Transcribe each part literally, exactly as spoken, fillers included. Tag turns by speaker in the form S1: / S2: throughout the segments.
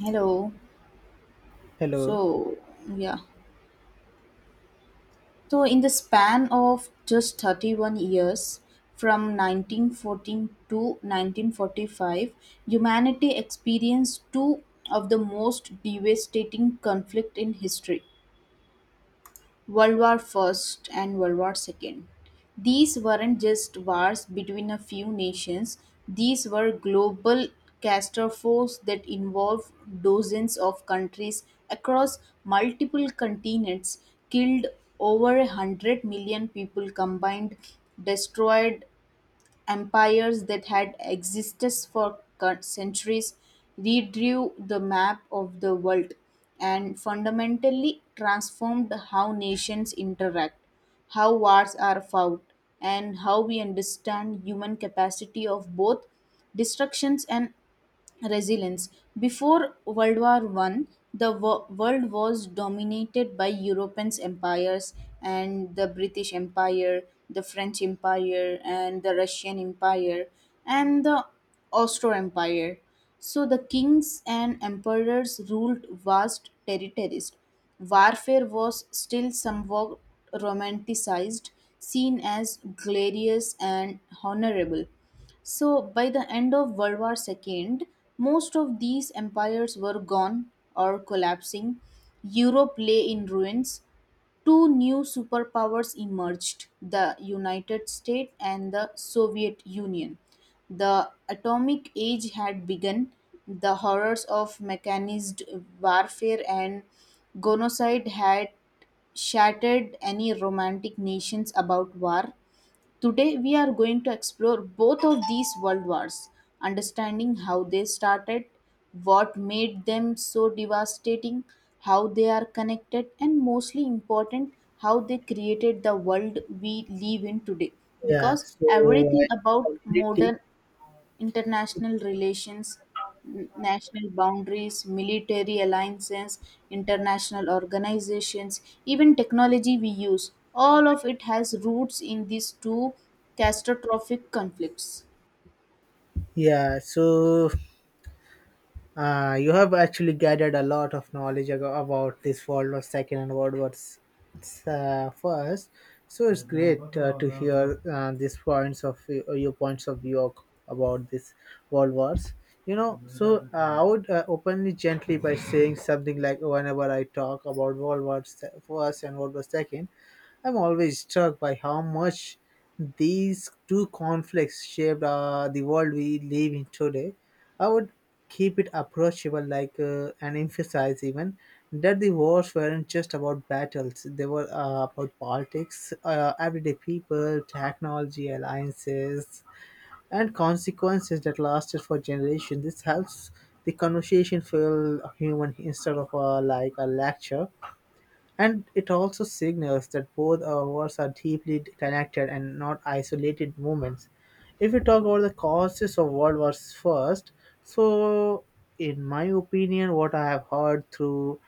S1: Hello.
S2: Hello.
S1: So, yeah. So, in the span of just thirty-one years, from nineteen fourteen to nineteen forty-five, humanity experienced two of the most devastating conflict in history. World War First and World War Second. These weren't just wars between a few nations; these were global catastrophes that involved dozens of countries across multiple continents, killed over a hundred million people combined, destroyed empires that had existed for cur- centuries, redrew the map of the world and fundamentally transformed how nations interact, how wars are fought, and how we understand human capacity of both destructions and resilience. Before World War One, the wo- world was dominated by European empires and the British Empire, the French Empire, and the Russian Empire, and the Austro Empire. So the kings and emperors ruled vast territories. Warfare was still somewhat romanticized, seen as glorious and honorable. So, by the end of World War Two, most of these empires were gone or collapsing. Europe lay in ruins. Two new superpowers emerged, the United States and the Soviet Union. The atomic age had begun. The horrors of mechanized warfare and genocide had shattered any romantic nations about war. Today, we are going to explore both of these world wars, understanding how they started, what made them so devastating, how they are connected, and mostly important, how they created the world we live in today.
S2: Yeah.
S1: Because
S2: So I
S1: everything about
S2: completely.
S1: modern international relations, n- national boundaries, military alliances, international organizations, even technology we use. All of it has roots in these two catastrophic conflicts.
S2: Yeah. So uh, you have actually gathered a lot of knowledge ag- about this World War Second and World War S- s- uh, First. So it's great uh, to hear uh, these points of view- uh, your points of view ac- about this World Wars. You know, so uh, I would uh, openly gently by saying something like whenever I talk about World War Se- First and World War Second. I'm always struck by how much these two conflicts shaped uh, the world we live in today. I would keep it approachable, like uh, and emphasize even that the wars weren't just about battles; they were uh, about politics, uh, everyday people, technology, alliances, and consequences that lasted for generations. This helps the conversation feel human instead of uh, like a lecture, and it also signals that both our wars are deeply connected and not isolated movements. If we talk about the causes of World Wars first, so in my opinion, what I have heard through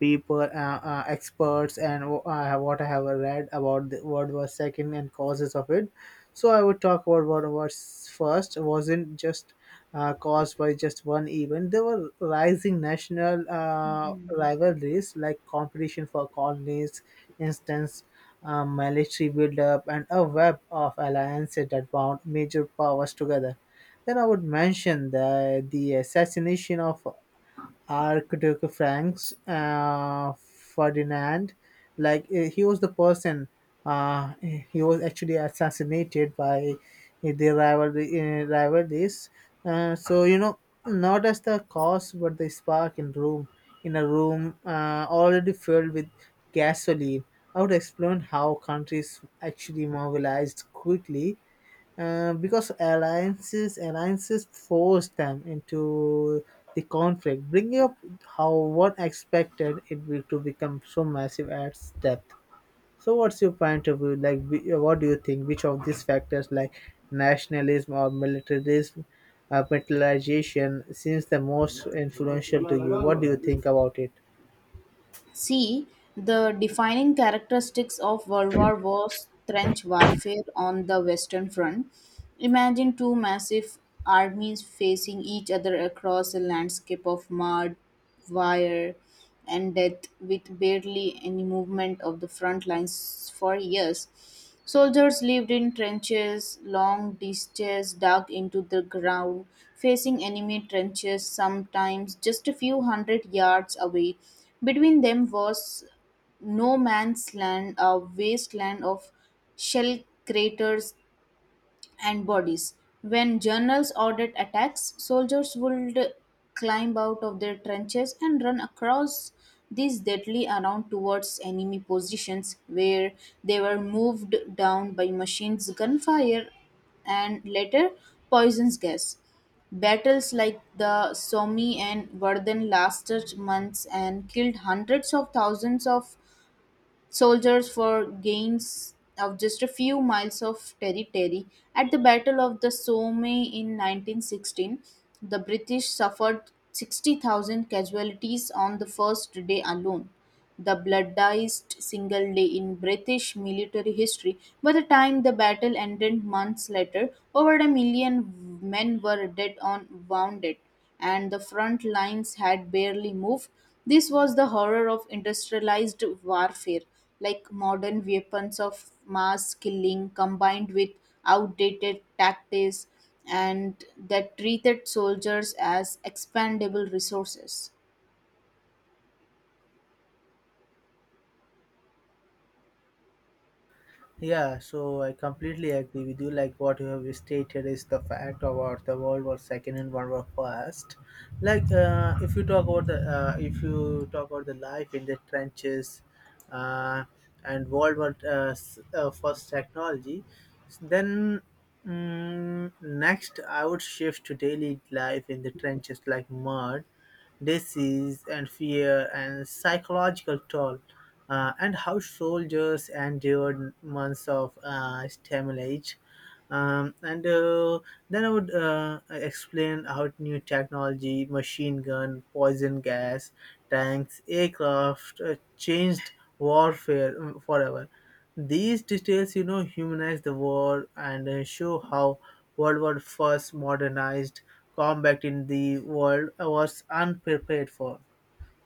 S2: people, uh, uh, experts, and wh- I have- what I have read about the World War Second and causes of it. So I would talk about World War first. Wasn't just uh, caused by just one event. There were rising national uh,
S1: Hmm.
S2: rivalries like competition for colonies, instance, uh, military buildup, and a web of alliances that bound major powers together. Then I would mention the, the assassination of Archduke Franz uh, Ferdinand. Like eh, he was the person. Uh, he was actually assassinated by the rivalry, uh, rivalries. Uh, so you know, Not as the cause, but the spark in room in a room uh, already filled with gasoline. I would explain how countries actually mobilized quickly uh, because alliances alliances force them into the conflict, bringing up how one expected it will to become so massive at depth. So, what's your point of view? Like, wh- what do you think? Which of these factors, like nationalism or militarism, uh, militarization, seems the most influential to you? What do you think about it?
S1: See, the defining characteristics of World War was trench warfare on the Western Front. Imagine two massive armies facing each other across a landscape of mud, wire, and death with barely any movement of the front lines for years. Soldiers lived in trenches, long ditches dug into the ground, facing enemy trenches sometimes just a few hundred yards away. Between them was no man's land, a wasteland of shell craters and bodies. When journals ordered attacks, soldiers would climb out of their trenches and run across these deadly around towards enemy positions where they were moved down by machines, gunfire, and later poison's gas. Battles like the Somme and Verdun lasted months and killed hundreds of thousands of soldiers for gains of just a few miles of territory. At the Battle of the Somme in nineteen sixteen, the British suffered sixty thousand casualties on the first day alone, the bloodiest single day in British military history. By the time the battle ended months later, over a million men were dead or wounded and the front lines had barely moved. This was the horror of industrialized warfare, like modern weapons of mass killing combined with outdated tactics and that treated soldiers as expendable resources.
S2: Yeah, so I completely agree with you. Like what you have stated is the fact about the World War Second and World War First. Like uh, if you talk about the uh, if you talk about the life in the trenches, uh, and World War uh, s- uh, First technology, then mm, next I would shift to daily life in the trenches like mud, disease, and fear and psychological toll, uh, and how soldiers endured months of uh, stimulation. Um, and uh, Then I would uh, explain how new technology, machine gun, poison gas, tanks, aircraft uh, changed warfare um, forever. These details, you know, humanize the war and uh, show how World War One's modernized combat in the world was unprepared for.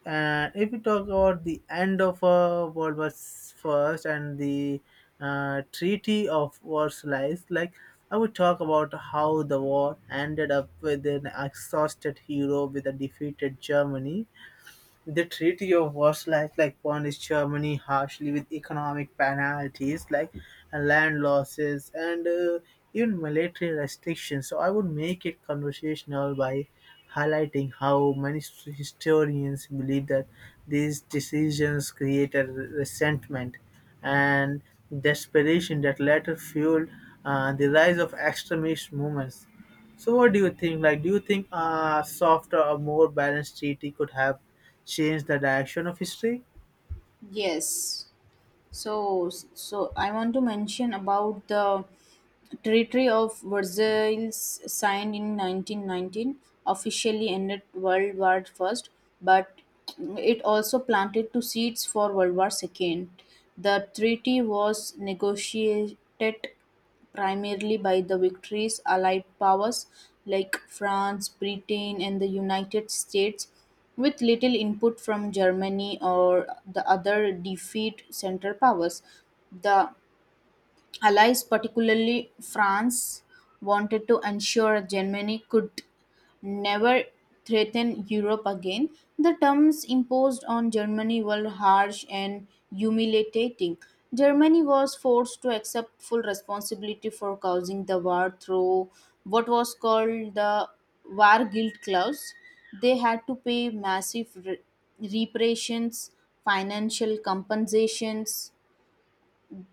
S2: And if we talk about the end of uh, World War First and the uh, Treaty of Versailles, like I would talk about how the war ended up with an exhausted hero with a defeated Germany. The Treaty of Versailles like punished Germany harshly with economic penalties, like uh, land losses and uh, even military restrictions. So I would make it conversational by highlighting how many s- historians believe that these decisions created resentment and desperation that later fueled uh, the rise of extremist movements. So what do you think? Like, do you think a softer or more balanced treaty could have changed the direction of history?
S1: Yes. So, so I want to mention about the Treaty of Versailles signed in nineteen nineteen officially ended World War First, but it also planted two seeds for World War Second. The treaty was negotiated primarily by the victories Allied powers like France, Britain, and the United States, with little input from Germany or the other defeat Central powers. The Allies, particularly France, wanted to ensure Germany could never threaten Europe again. The terms imposed on Germany were harsh and humiliating. Germany was forced to accept full responsibility for causing the war through what was called the War Guilt Clause. They had to pay massive re- reparations, financial compensations,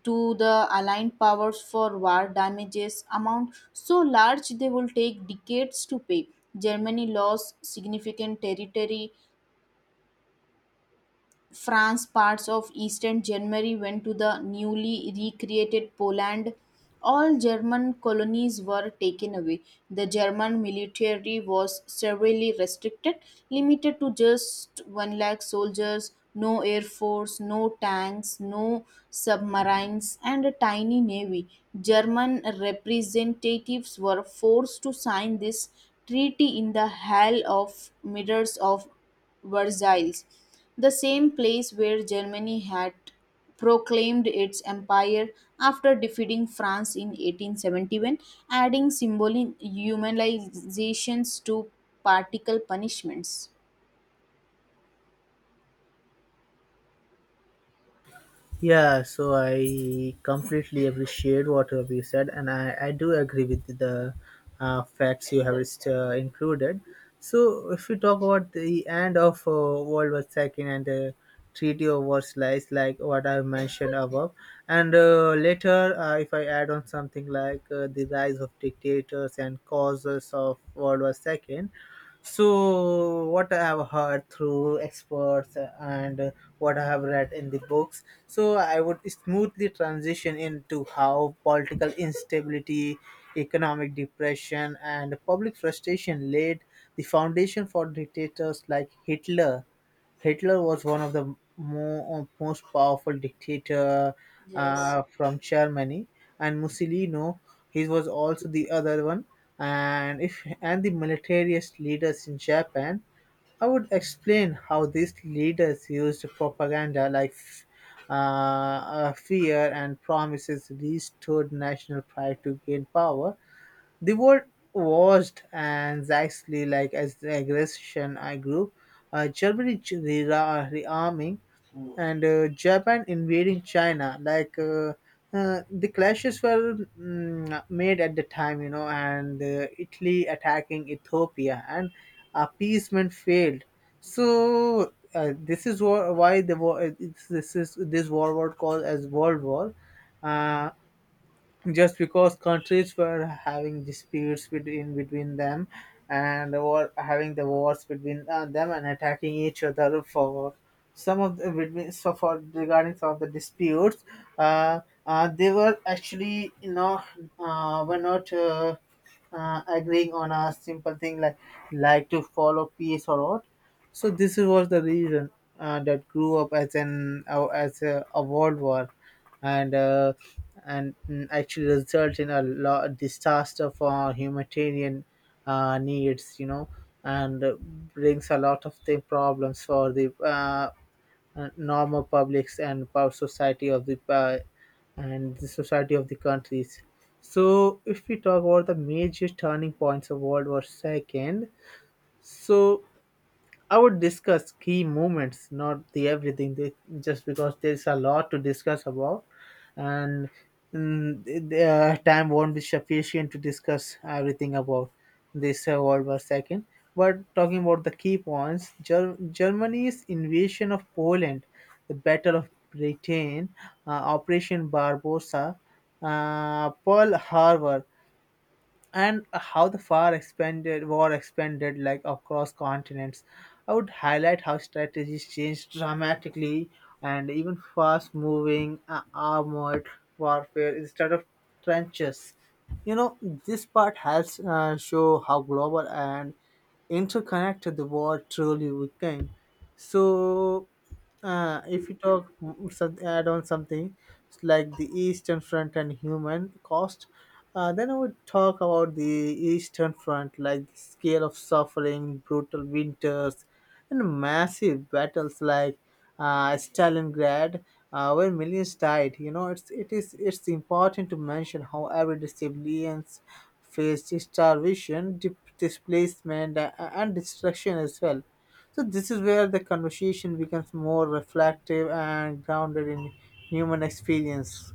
S1: to the aligned powers for war damages amount so large they will take decades to pay. Germany lost significant territory, France, parts of eastern Germany went to the newly recreated Poland. All German colonies were taken away. The German military was severely restricted, limited to just one lakh soldiers, no air force, no tanks, no submarines, and a tiny navy. German representatives were forced to sign this treaty in the Hall of Mirrors of Versailles, the same place where Germany had proclaimed its empire after defeating France in eighteen seventy-one, adding symbolic humanizations to particle punishments.
S2: Yeah, so I completely appreciate what you have said, and I, I do agree with the uh, facts you have uh, included. So, if we talk about the end of uh, World War Second and the Treaty of Versailles, like what I mentioned above, and uh, later, uh, if I add on something like uh, the rise of dictators and causes of World War two, so, what I have heard through experts and what I have read in the books, so I would smoothly transition into how political instability, economic depression, and public frustration laid the foundation for dictators like Hitler. Hitler was one of the mo- uh, most powerful dictator
S1: Yes.
S2: uh, from Germany, and Mussolini, he was also the other one, and if and the militarist leaders in Japan. I would explain how these leaders used propaganda like uh, uh, fear and promises restored national pride to gain power. The word watched anxiously like as the aggression I grew. Uh, Germany ch- re- rearming and uh, Japan invading China. Like uh, uh, the clashes were mm, made at the time, you know, and uh, Italy attacking Ethiopia, and appeasement failed. So uh, this is wha- why the war. Uh, This is this war was called as World War. Uh, just because countries were having disputes between between them and war, having the wars between uh, them and attacking each other for some of the between so for regarding some of the disputes, uh, uh, they were actually, you know, uh, were not uh, uh, agreeing on a simple thing like like to follow peace or what. So this was the reason uh, that grew up as an uh, as a, a world war, and uh, and mm, actually result in a lot disaster for humanitarian uh, needs, you know, and uh, brings a lot of the problems for the uh, uh, normal publics and power society of the uh, and the society of the countries. So if we talk about the major turning points of world war second, so I would discuss key moments, not the everything, they, just because there's a lot to discuss about, and mm, the the uh, time won't be sufficient to discuss everything about this uh, World War Second. But talking about the key points, Ger- Germany's invasion of Poland, the Battle of Britain, uh, Operation Barbossa, uh, Pearl Harbor, and how the far expanded war expanded like across continents. I would highlight how strategies changed dramatically and even fast-moving uh, armored warfare instead of trenches. You know, this part helps uh, show how global and interconnected the war truly became. So uh, if you talk mm, some, add on something it's like the Eastern Front and human cost, uh, then I would talk about the Eastern Front, like the scale of suffering, brutal winters, and massive battles like uh, Stalingrad, uh, where millions died. You know, it's it is it's important to mention how everyday civilians faced starvation, dip- displacement, uh, and destruction as well. So this is where the conversation becomes more reflective and grounded in human experience.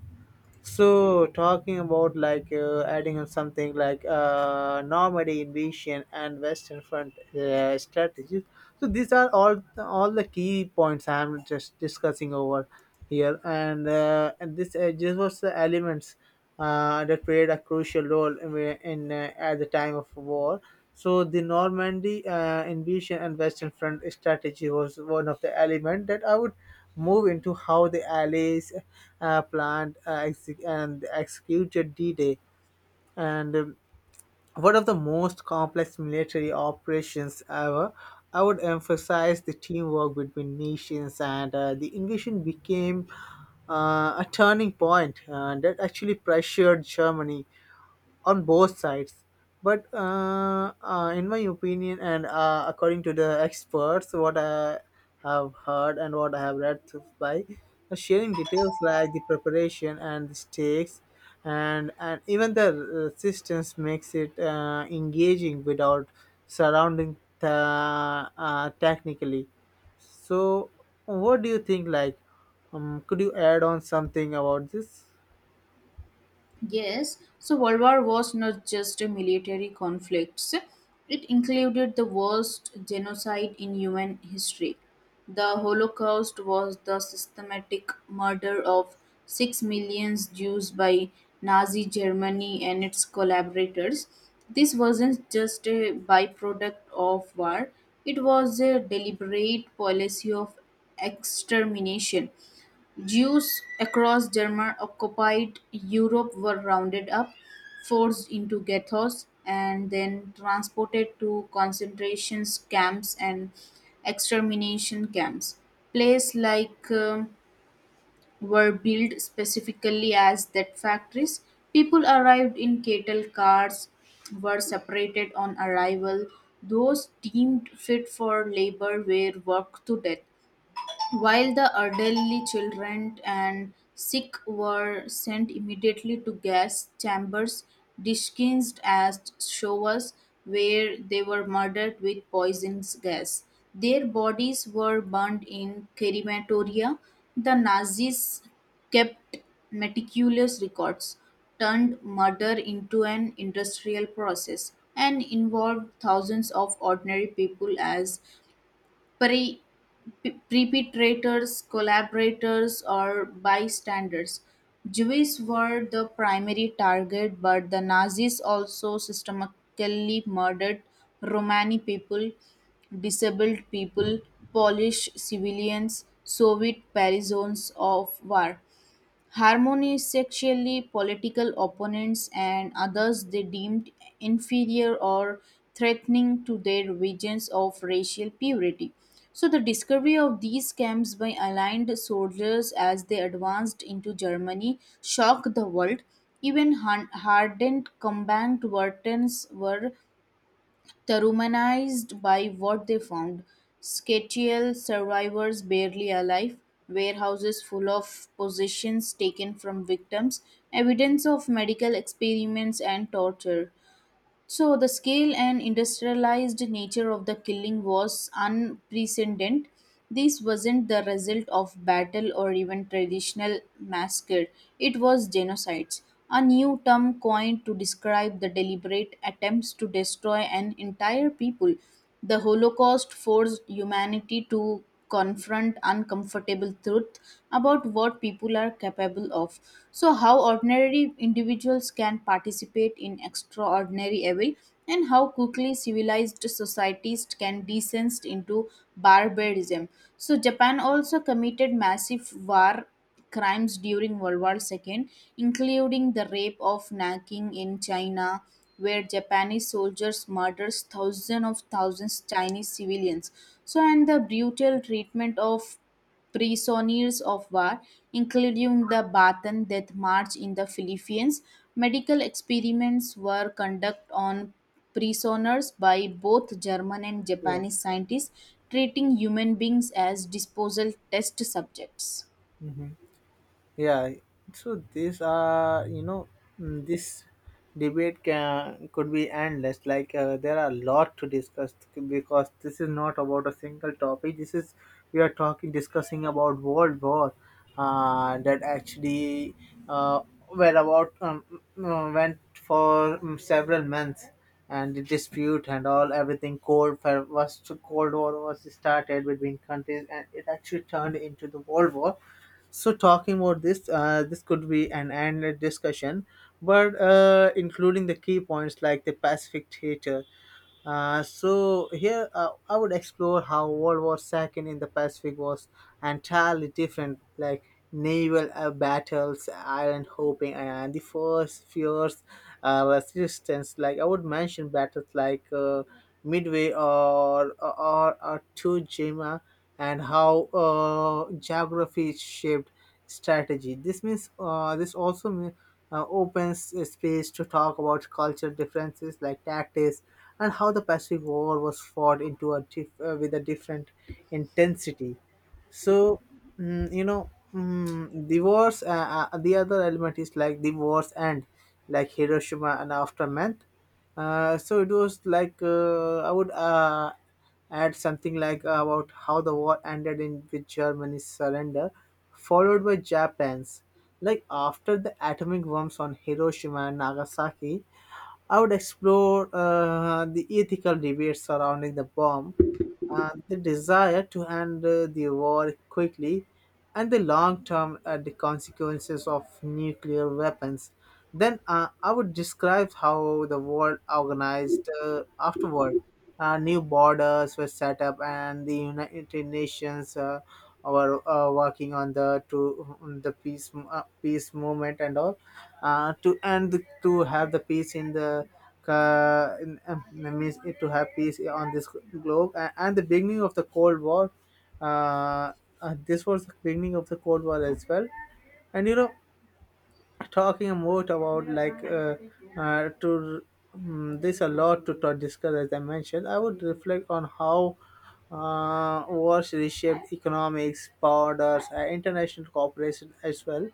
S2: So talking about like uh, adding on something like uh, Normandy invasion and Western Front uh, strategies. So these are all all the key points I am just discussing over here, and uh, and this uh, this was the elements uh, that played a crucial role in, in uh, at the time of war. So the Normandy uh, invasion and Western Front strategy was one of the element that I would move into how the allies uh, planned uh, exec- and executed D-Day. And um, one of the most complex military operations ever. I would emphasize the teamwork between nations, and uh, the invasion became uh, a turning point uh, that actually pressured Germany on both sides. But uh, uh, in my opinion and uh, according to the experts, what I have heard and what I have read through, by uh, sharing details like the preparation and the stakes, and and even the resistance makes it uh, engaging without surrounding the uh, technically. So what do you think? Like, um, could you add on something about this?
S1: Yes, so World War was not just a military conflict. It included the worst genocide in human history. The Holocaust was the systematic murder of six million Jews by Nazi Germany and its collaborators. This wasn't just a byproduct of war, it was a deliberate policy of extermination. Jews across German occupied Europe were rounded up, forced into ghettos, and then transported to concentration camps and extermination camps. Places like um, were built specifically as that factories. People arrived in cattle cars, were separated on arrival. Those deemed fit for labor were worked to death. While the elderly children and sick were sent immediately to gas chambers disguised as showers where they were murdered with poisonous gas. Their bodies were burned in crematoria. The Nazis kept meticulous records, turned murder into an industrial process, and involved thousands of ordinary people as prey p- perpetrators, collaborators, or bystanders. Jews were the primary target, but the Nazis also systematically murdered Romani people, disabled people, Polish civilians, Soviet prisoners of war. Harmony sexually political opponents and others they deemed inferior or threatening to their visions of racial purity. So the discovery of these camps by aligned soldiers as they advanced into Germany shocked the world. Even han- hardened combat veterans were the by what they found, Skechial survivors barely alive, warehouses full of possessions taken from victims, evidence of medical experiments and torture. So the scale and industrialized nature of the killing was unprecedented. This wasn't the result of battle or even traditional massacre. It was genocides, a new term coined to describe the deliberate attempts to destroy an entire people. The Holocaust forced humanity to confront uncomfortable truth about what people are capable of, so how ordinary individuals can participate in extraordinary way and how quickly civilized societies can descend into barbarism. So Japan also committed massive war crimes during World War Two, including the rape of Nanking in China, where Japanese soldiers murdered thousands of thousands Chinese civilians. So, and the brutal treatment of prisoners of war, including the Bataan Death March in the Philippines. Medical experiments were conducted on prisoners by both German and
S2: Yes.
S1: Japanese scientists, treating human beings as disposal test subjects.
S2: Mhm. Yeah, so these are, you know, mm, this debate can could be endless. Like uh, there are a lot to discuss, because this is not about a single topic. This is, we are talking discussing about world war uh, that actually uh, were about um, mm, uh, went for um, several months, and the dispute and all everything. Cold War was cold war was started between countries and it actually turned into the world war. So talking about this, uh, this could be an endless discussion, but uh, including the key points like the Pacific Theater. Uh, so here uh, I would explore how World War Second in the Pacific was entirely different, like naval uh, battles, island hopping, and the first fierce uh, resistance. Like I would mention battles like uh, Midway or or, or Two, and how uh, geography shaped strategy. This means uh, this also mean, uh, opens a space to talk about culture differences like tactics, and how the Pacific War was fought into a diff- uh, with a different intensity. So mm, you know mm, the wars. Uh, uh, the other element is like the wars end, like Hiroshima and aftermath. Uh, so it was like uh, I would uh, add something like about how the war ended in with Germany's surrender, followed by Japan's. Like after the atomic bombs on Hiroshima and Nagasaki, I would explore uh, the ethical debates surrounding the bomb, uh, the desire to end uh, the war quickly, and the long term uh, the consequences of nuclear weapons. Then uh, I would describe how the world organized uh, afterward. Uh, new borders were set up, and the United Nations uh, were uh, working on the to the peace, uh, peace movement and all, uh, to and to have the peace in the uh, in, um, means to have peace on this globe, and, and the beginning of the cold war. uh, uh, this was the beginning of the cold war as well, and you know talking more about like, uh, uh, to mm this a lot to, to discuss. As I mentioned, I would reflect on how uh, wars reshaped economics, borders, uh, international cooperation as well.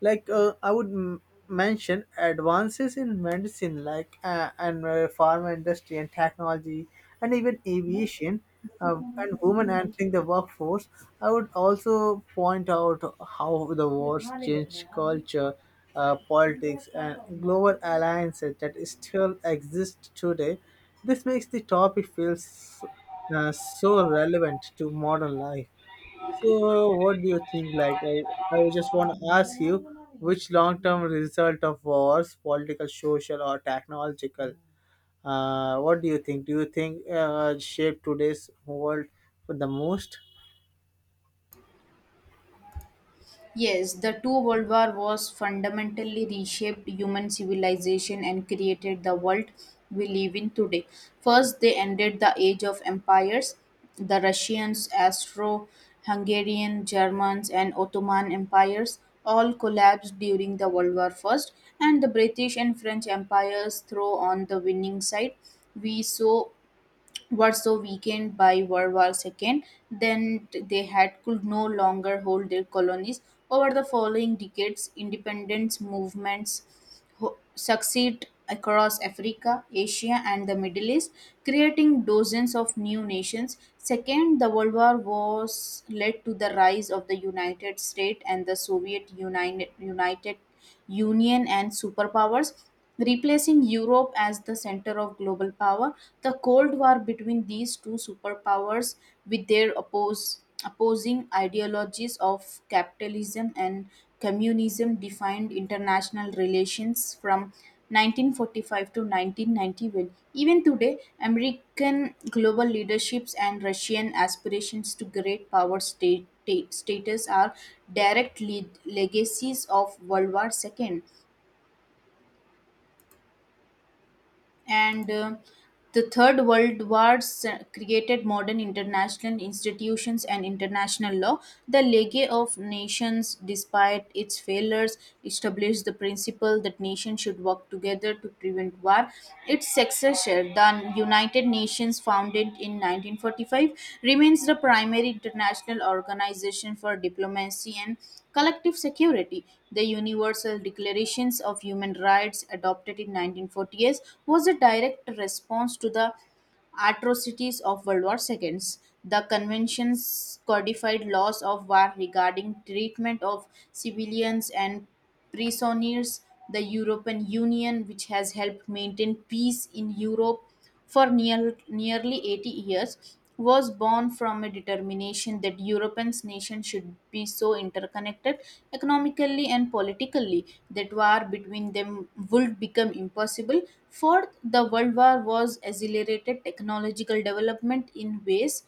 S2: Like uh, I would m- mention advances in medicine, like, uh, and uh, pharma industry and technology, and even aviation, uh, and women entering the workforce. I would also point out how the wars changed culture, uh, politics, and global alliances that still exist today. This makes the topic feel s- uh, so relevant to modern life. So, what do you think? Like, I, I just want to ask you, which long term result of wars, political, social, or technological? Uh, what do you think? Do you think uh, shape today's world for the most?
S1: Yes, the two world war was fundamentally reshaped human civilization and created the world we live in today. First, they ended the age of empires. The Russians, Austro-Hungarian, Germans, and Ottoman empires all collapsed during the World War First, and the British and French empires throw on the winning side. We saw was so weakened by World War Two that they had could no longer hold their colonies. Over the following decades, independence movements ho- succeed across Africa, Asia, and the Middle East, creating dozens of new nations. Second, the World War was led to the rise of the United States and the Soviet United, United Union and superpowers. Replacing Europe as the center of global power, the Cold War between these two superpowers, with their oppose, opposing ideologies of capitalism and communism, defined international relations from nineteen forty-five to nineteen ninety-one. Even today, American global leaderships and Russian aspirations to great power state, status are direct lead, legacies of World War Two. and uh, the third world wars uh, created modern international institutions and international law. The League of Nations, despite its failures, established the principle that nations should work together to prevent war. Its successor, the United Nations, founded in nineteen forty-five, remains the primary international organization for diplomacy and collective security. The Universal Declarations of Human Rights adopted in nineteen forty-eight, was a direct response to the atrocities of World War Two. The conventions codified laws of war regarding treatment of civilians and prisoners. The European Union, which has helped maintain peace in Europe, for near, nearly eighty years was born from a determination that Europeans nations should be so interconnected economically and politically that war between them would become impossible. Fourth, the World War was accelerated technological development in ways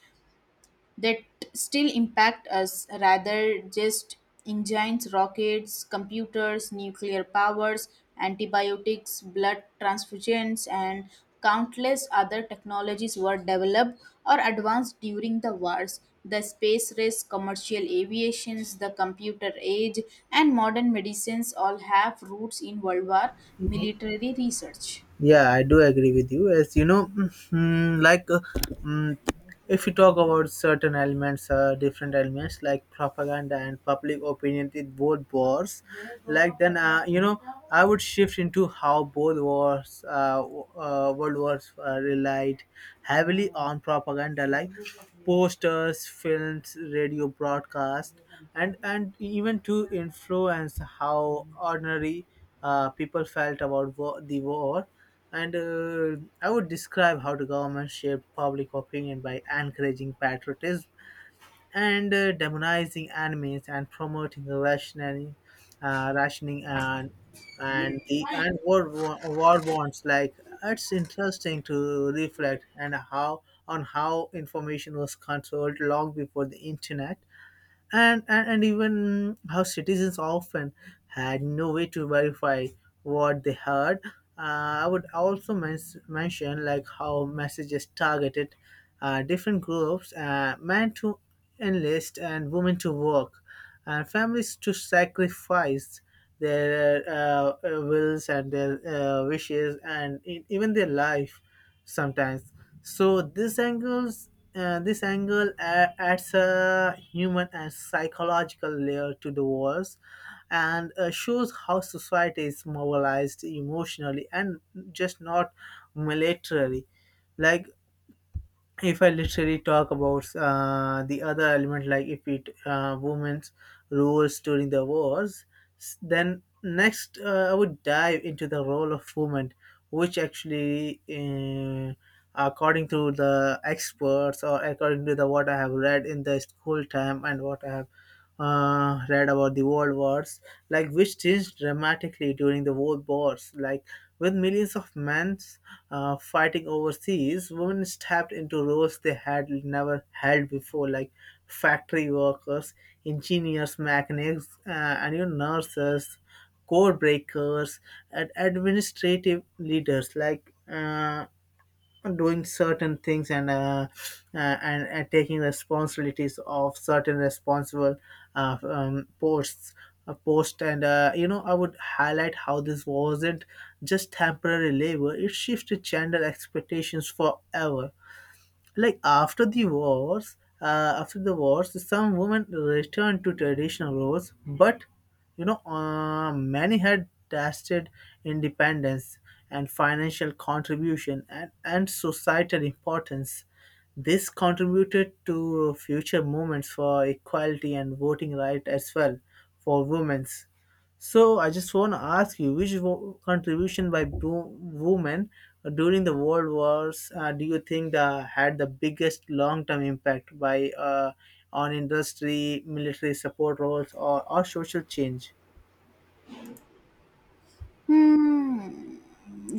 S1: that still impact us rather, just engines, rockets, computers, nuclear powers, antibiotics, blood transfusions and countless other technologies were developed or advanced during the wars. The space race, commercial aviations, the computer age, and modern medicines all have roots in world war military research.
S2: Yeah, I do agree with you. As you know, mm, like uh, mm, if you talk about certain elements, uh, different elements like propaganda and public opinion, it both wars. Like then, uh, you know, I would shift into how both wars, uh, w- uh, world wars, uh, relied heavily on propaganda, like posters, films, radio broadcast, and and even to influence how ordinary uh, people felt about war, the war. And uh, I would describe how the government shaped public opinion by encouraging patriotism and uh, demonizing enemies and promoting rationing, uh, rationing and and the and war wa- war bonds. Like it's interesting to reflect and how on how information was controlled long before the internet, and, and and even how citizens often had no way to verify what they heard. Uh, I would also mens- mention like how messages targeted uh, different groups, uh, men to enlist and women to work, and families to sacrifice their uh, uh, wills and their uh, wishes and e- even their life sometimes. So these angles uh, this angle a- adds a human and psychological layer to the wars and uh, shows how society is mobilized emotionally and just not militarily. Like, if I literally talk about uh, the other element, like if it uh, women's roles during the wars, s- then next uh, I would dive into the role of women, which actually, uh, according to the experts, or according to the what I have read in the school time and what I have uh, read about the world wars, like, which changed dramatically during the world wars, like with millions of men uh, fighting overseas, women stepped into roles they had never held before, like factory workers, engineers, mechanics, uh, and even nurses, code breakers, and administrative leaders. Like uh, doing certain things and, uh, uh, and, and taking responsibilities of certain responsible uh, um, posts uh, post and, uh, you know, I would highlight how this wasn't just temporary labor. It shifted gender expectations forever. Like after the wars, uh, after the wars, some women returned to traditional roles, but you know, uh, many had tested independence and financial contribution, and, and societal importance. This contributed to future movements for equality and voting right as well, for women. So I just want to ask you, which wo- contribution by bo- women during the World Wars, uh, do you think the, had the biggest long-term impact, by uh, on industry, military support roles, or, or social change?
S1: Hmm.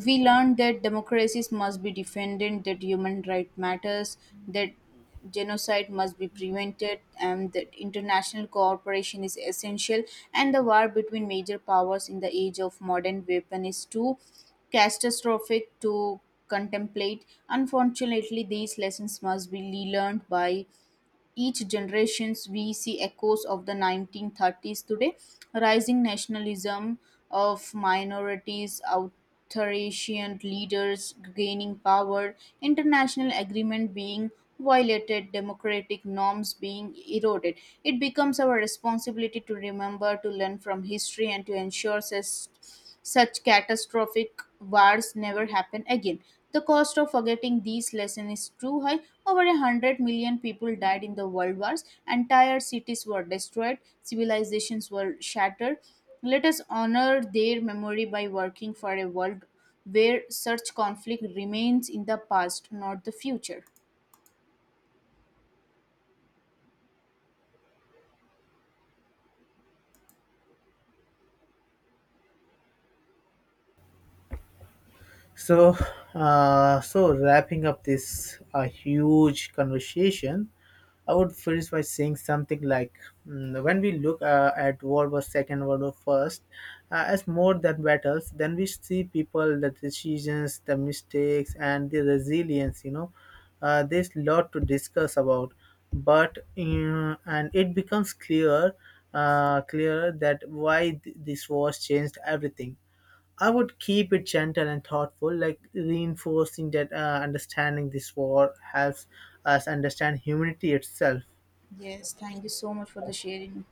S1: We learned that democracies must be defended, that human right matters, that genocide must be prevented, and that international cooperation is essential. And the war between major powers in the age of modern weapon is too catastrophic to contemplate. Unfortunately, these lessons must be learned by each generations. We see echoes of the nineteen thirties today, rising nationalism of minorities, authoritarian leaders gaining power, international agreement being violated, democratic norms being eroded. It becomes our responsibility to remember, to learn from history, and to ensure sus- such catastrophic wars never happen again. The cost of forgetting these lessons is too high. Over a hundred million people died in the world wars. Entire cities were destroyed. Civilizations were shattered. Let us honor their memory by working for a world where such conflict remains in the past, not the future.
S2: So, uh, so wrapping up this uh, huge conversation, I would finish by saying something like, mm, when we look uh, at World War Second, World War First, uh, as more than battles, then we see people, the decisions, the mistakes, and the resilience. You know, uh, there's a lot to discuss about, but uh, and it becomes clear, uh, clear that why th- this war changed everything. I would keep it gentle and thoughtful, like reinforcing that uh, understanding this war helps us understand humanity itself.
S1: Yes, thank you so much for the sharing.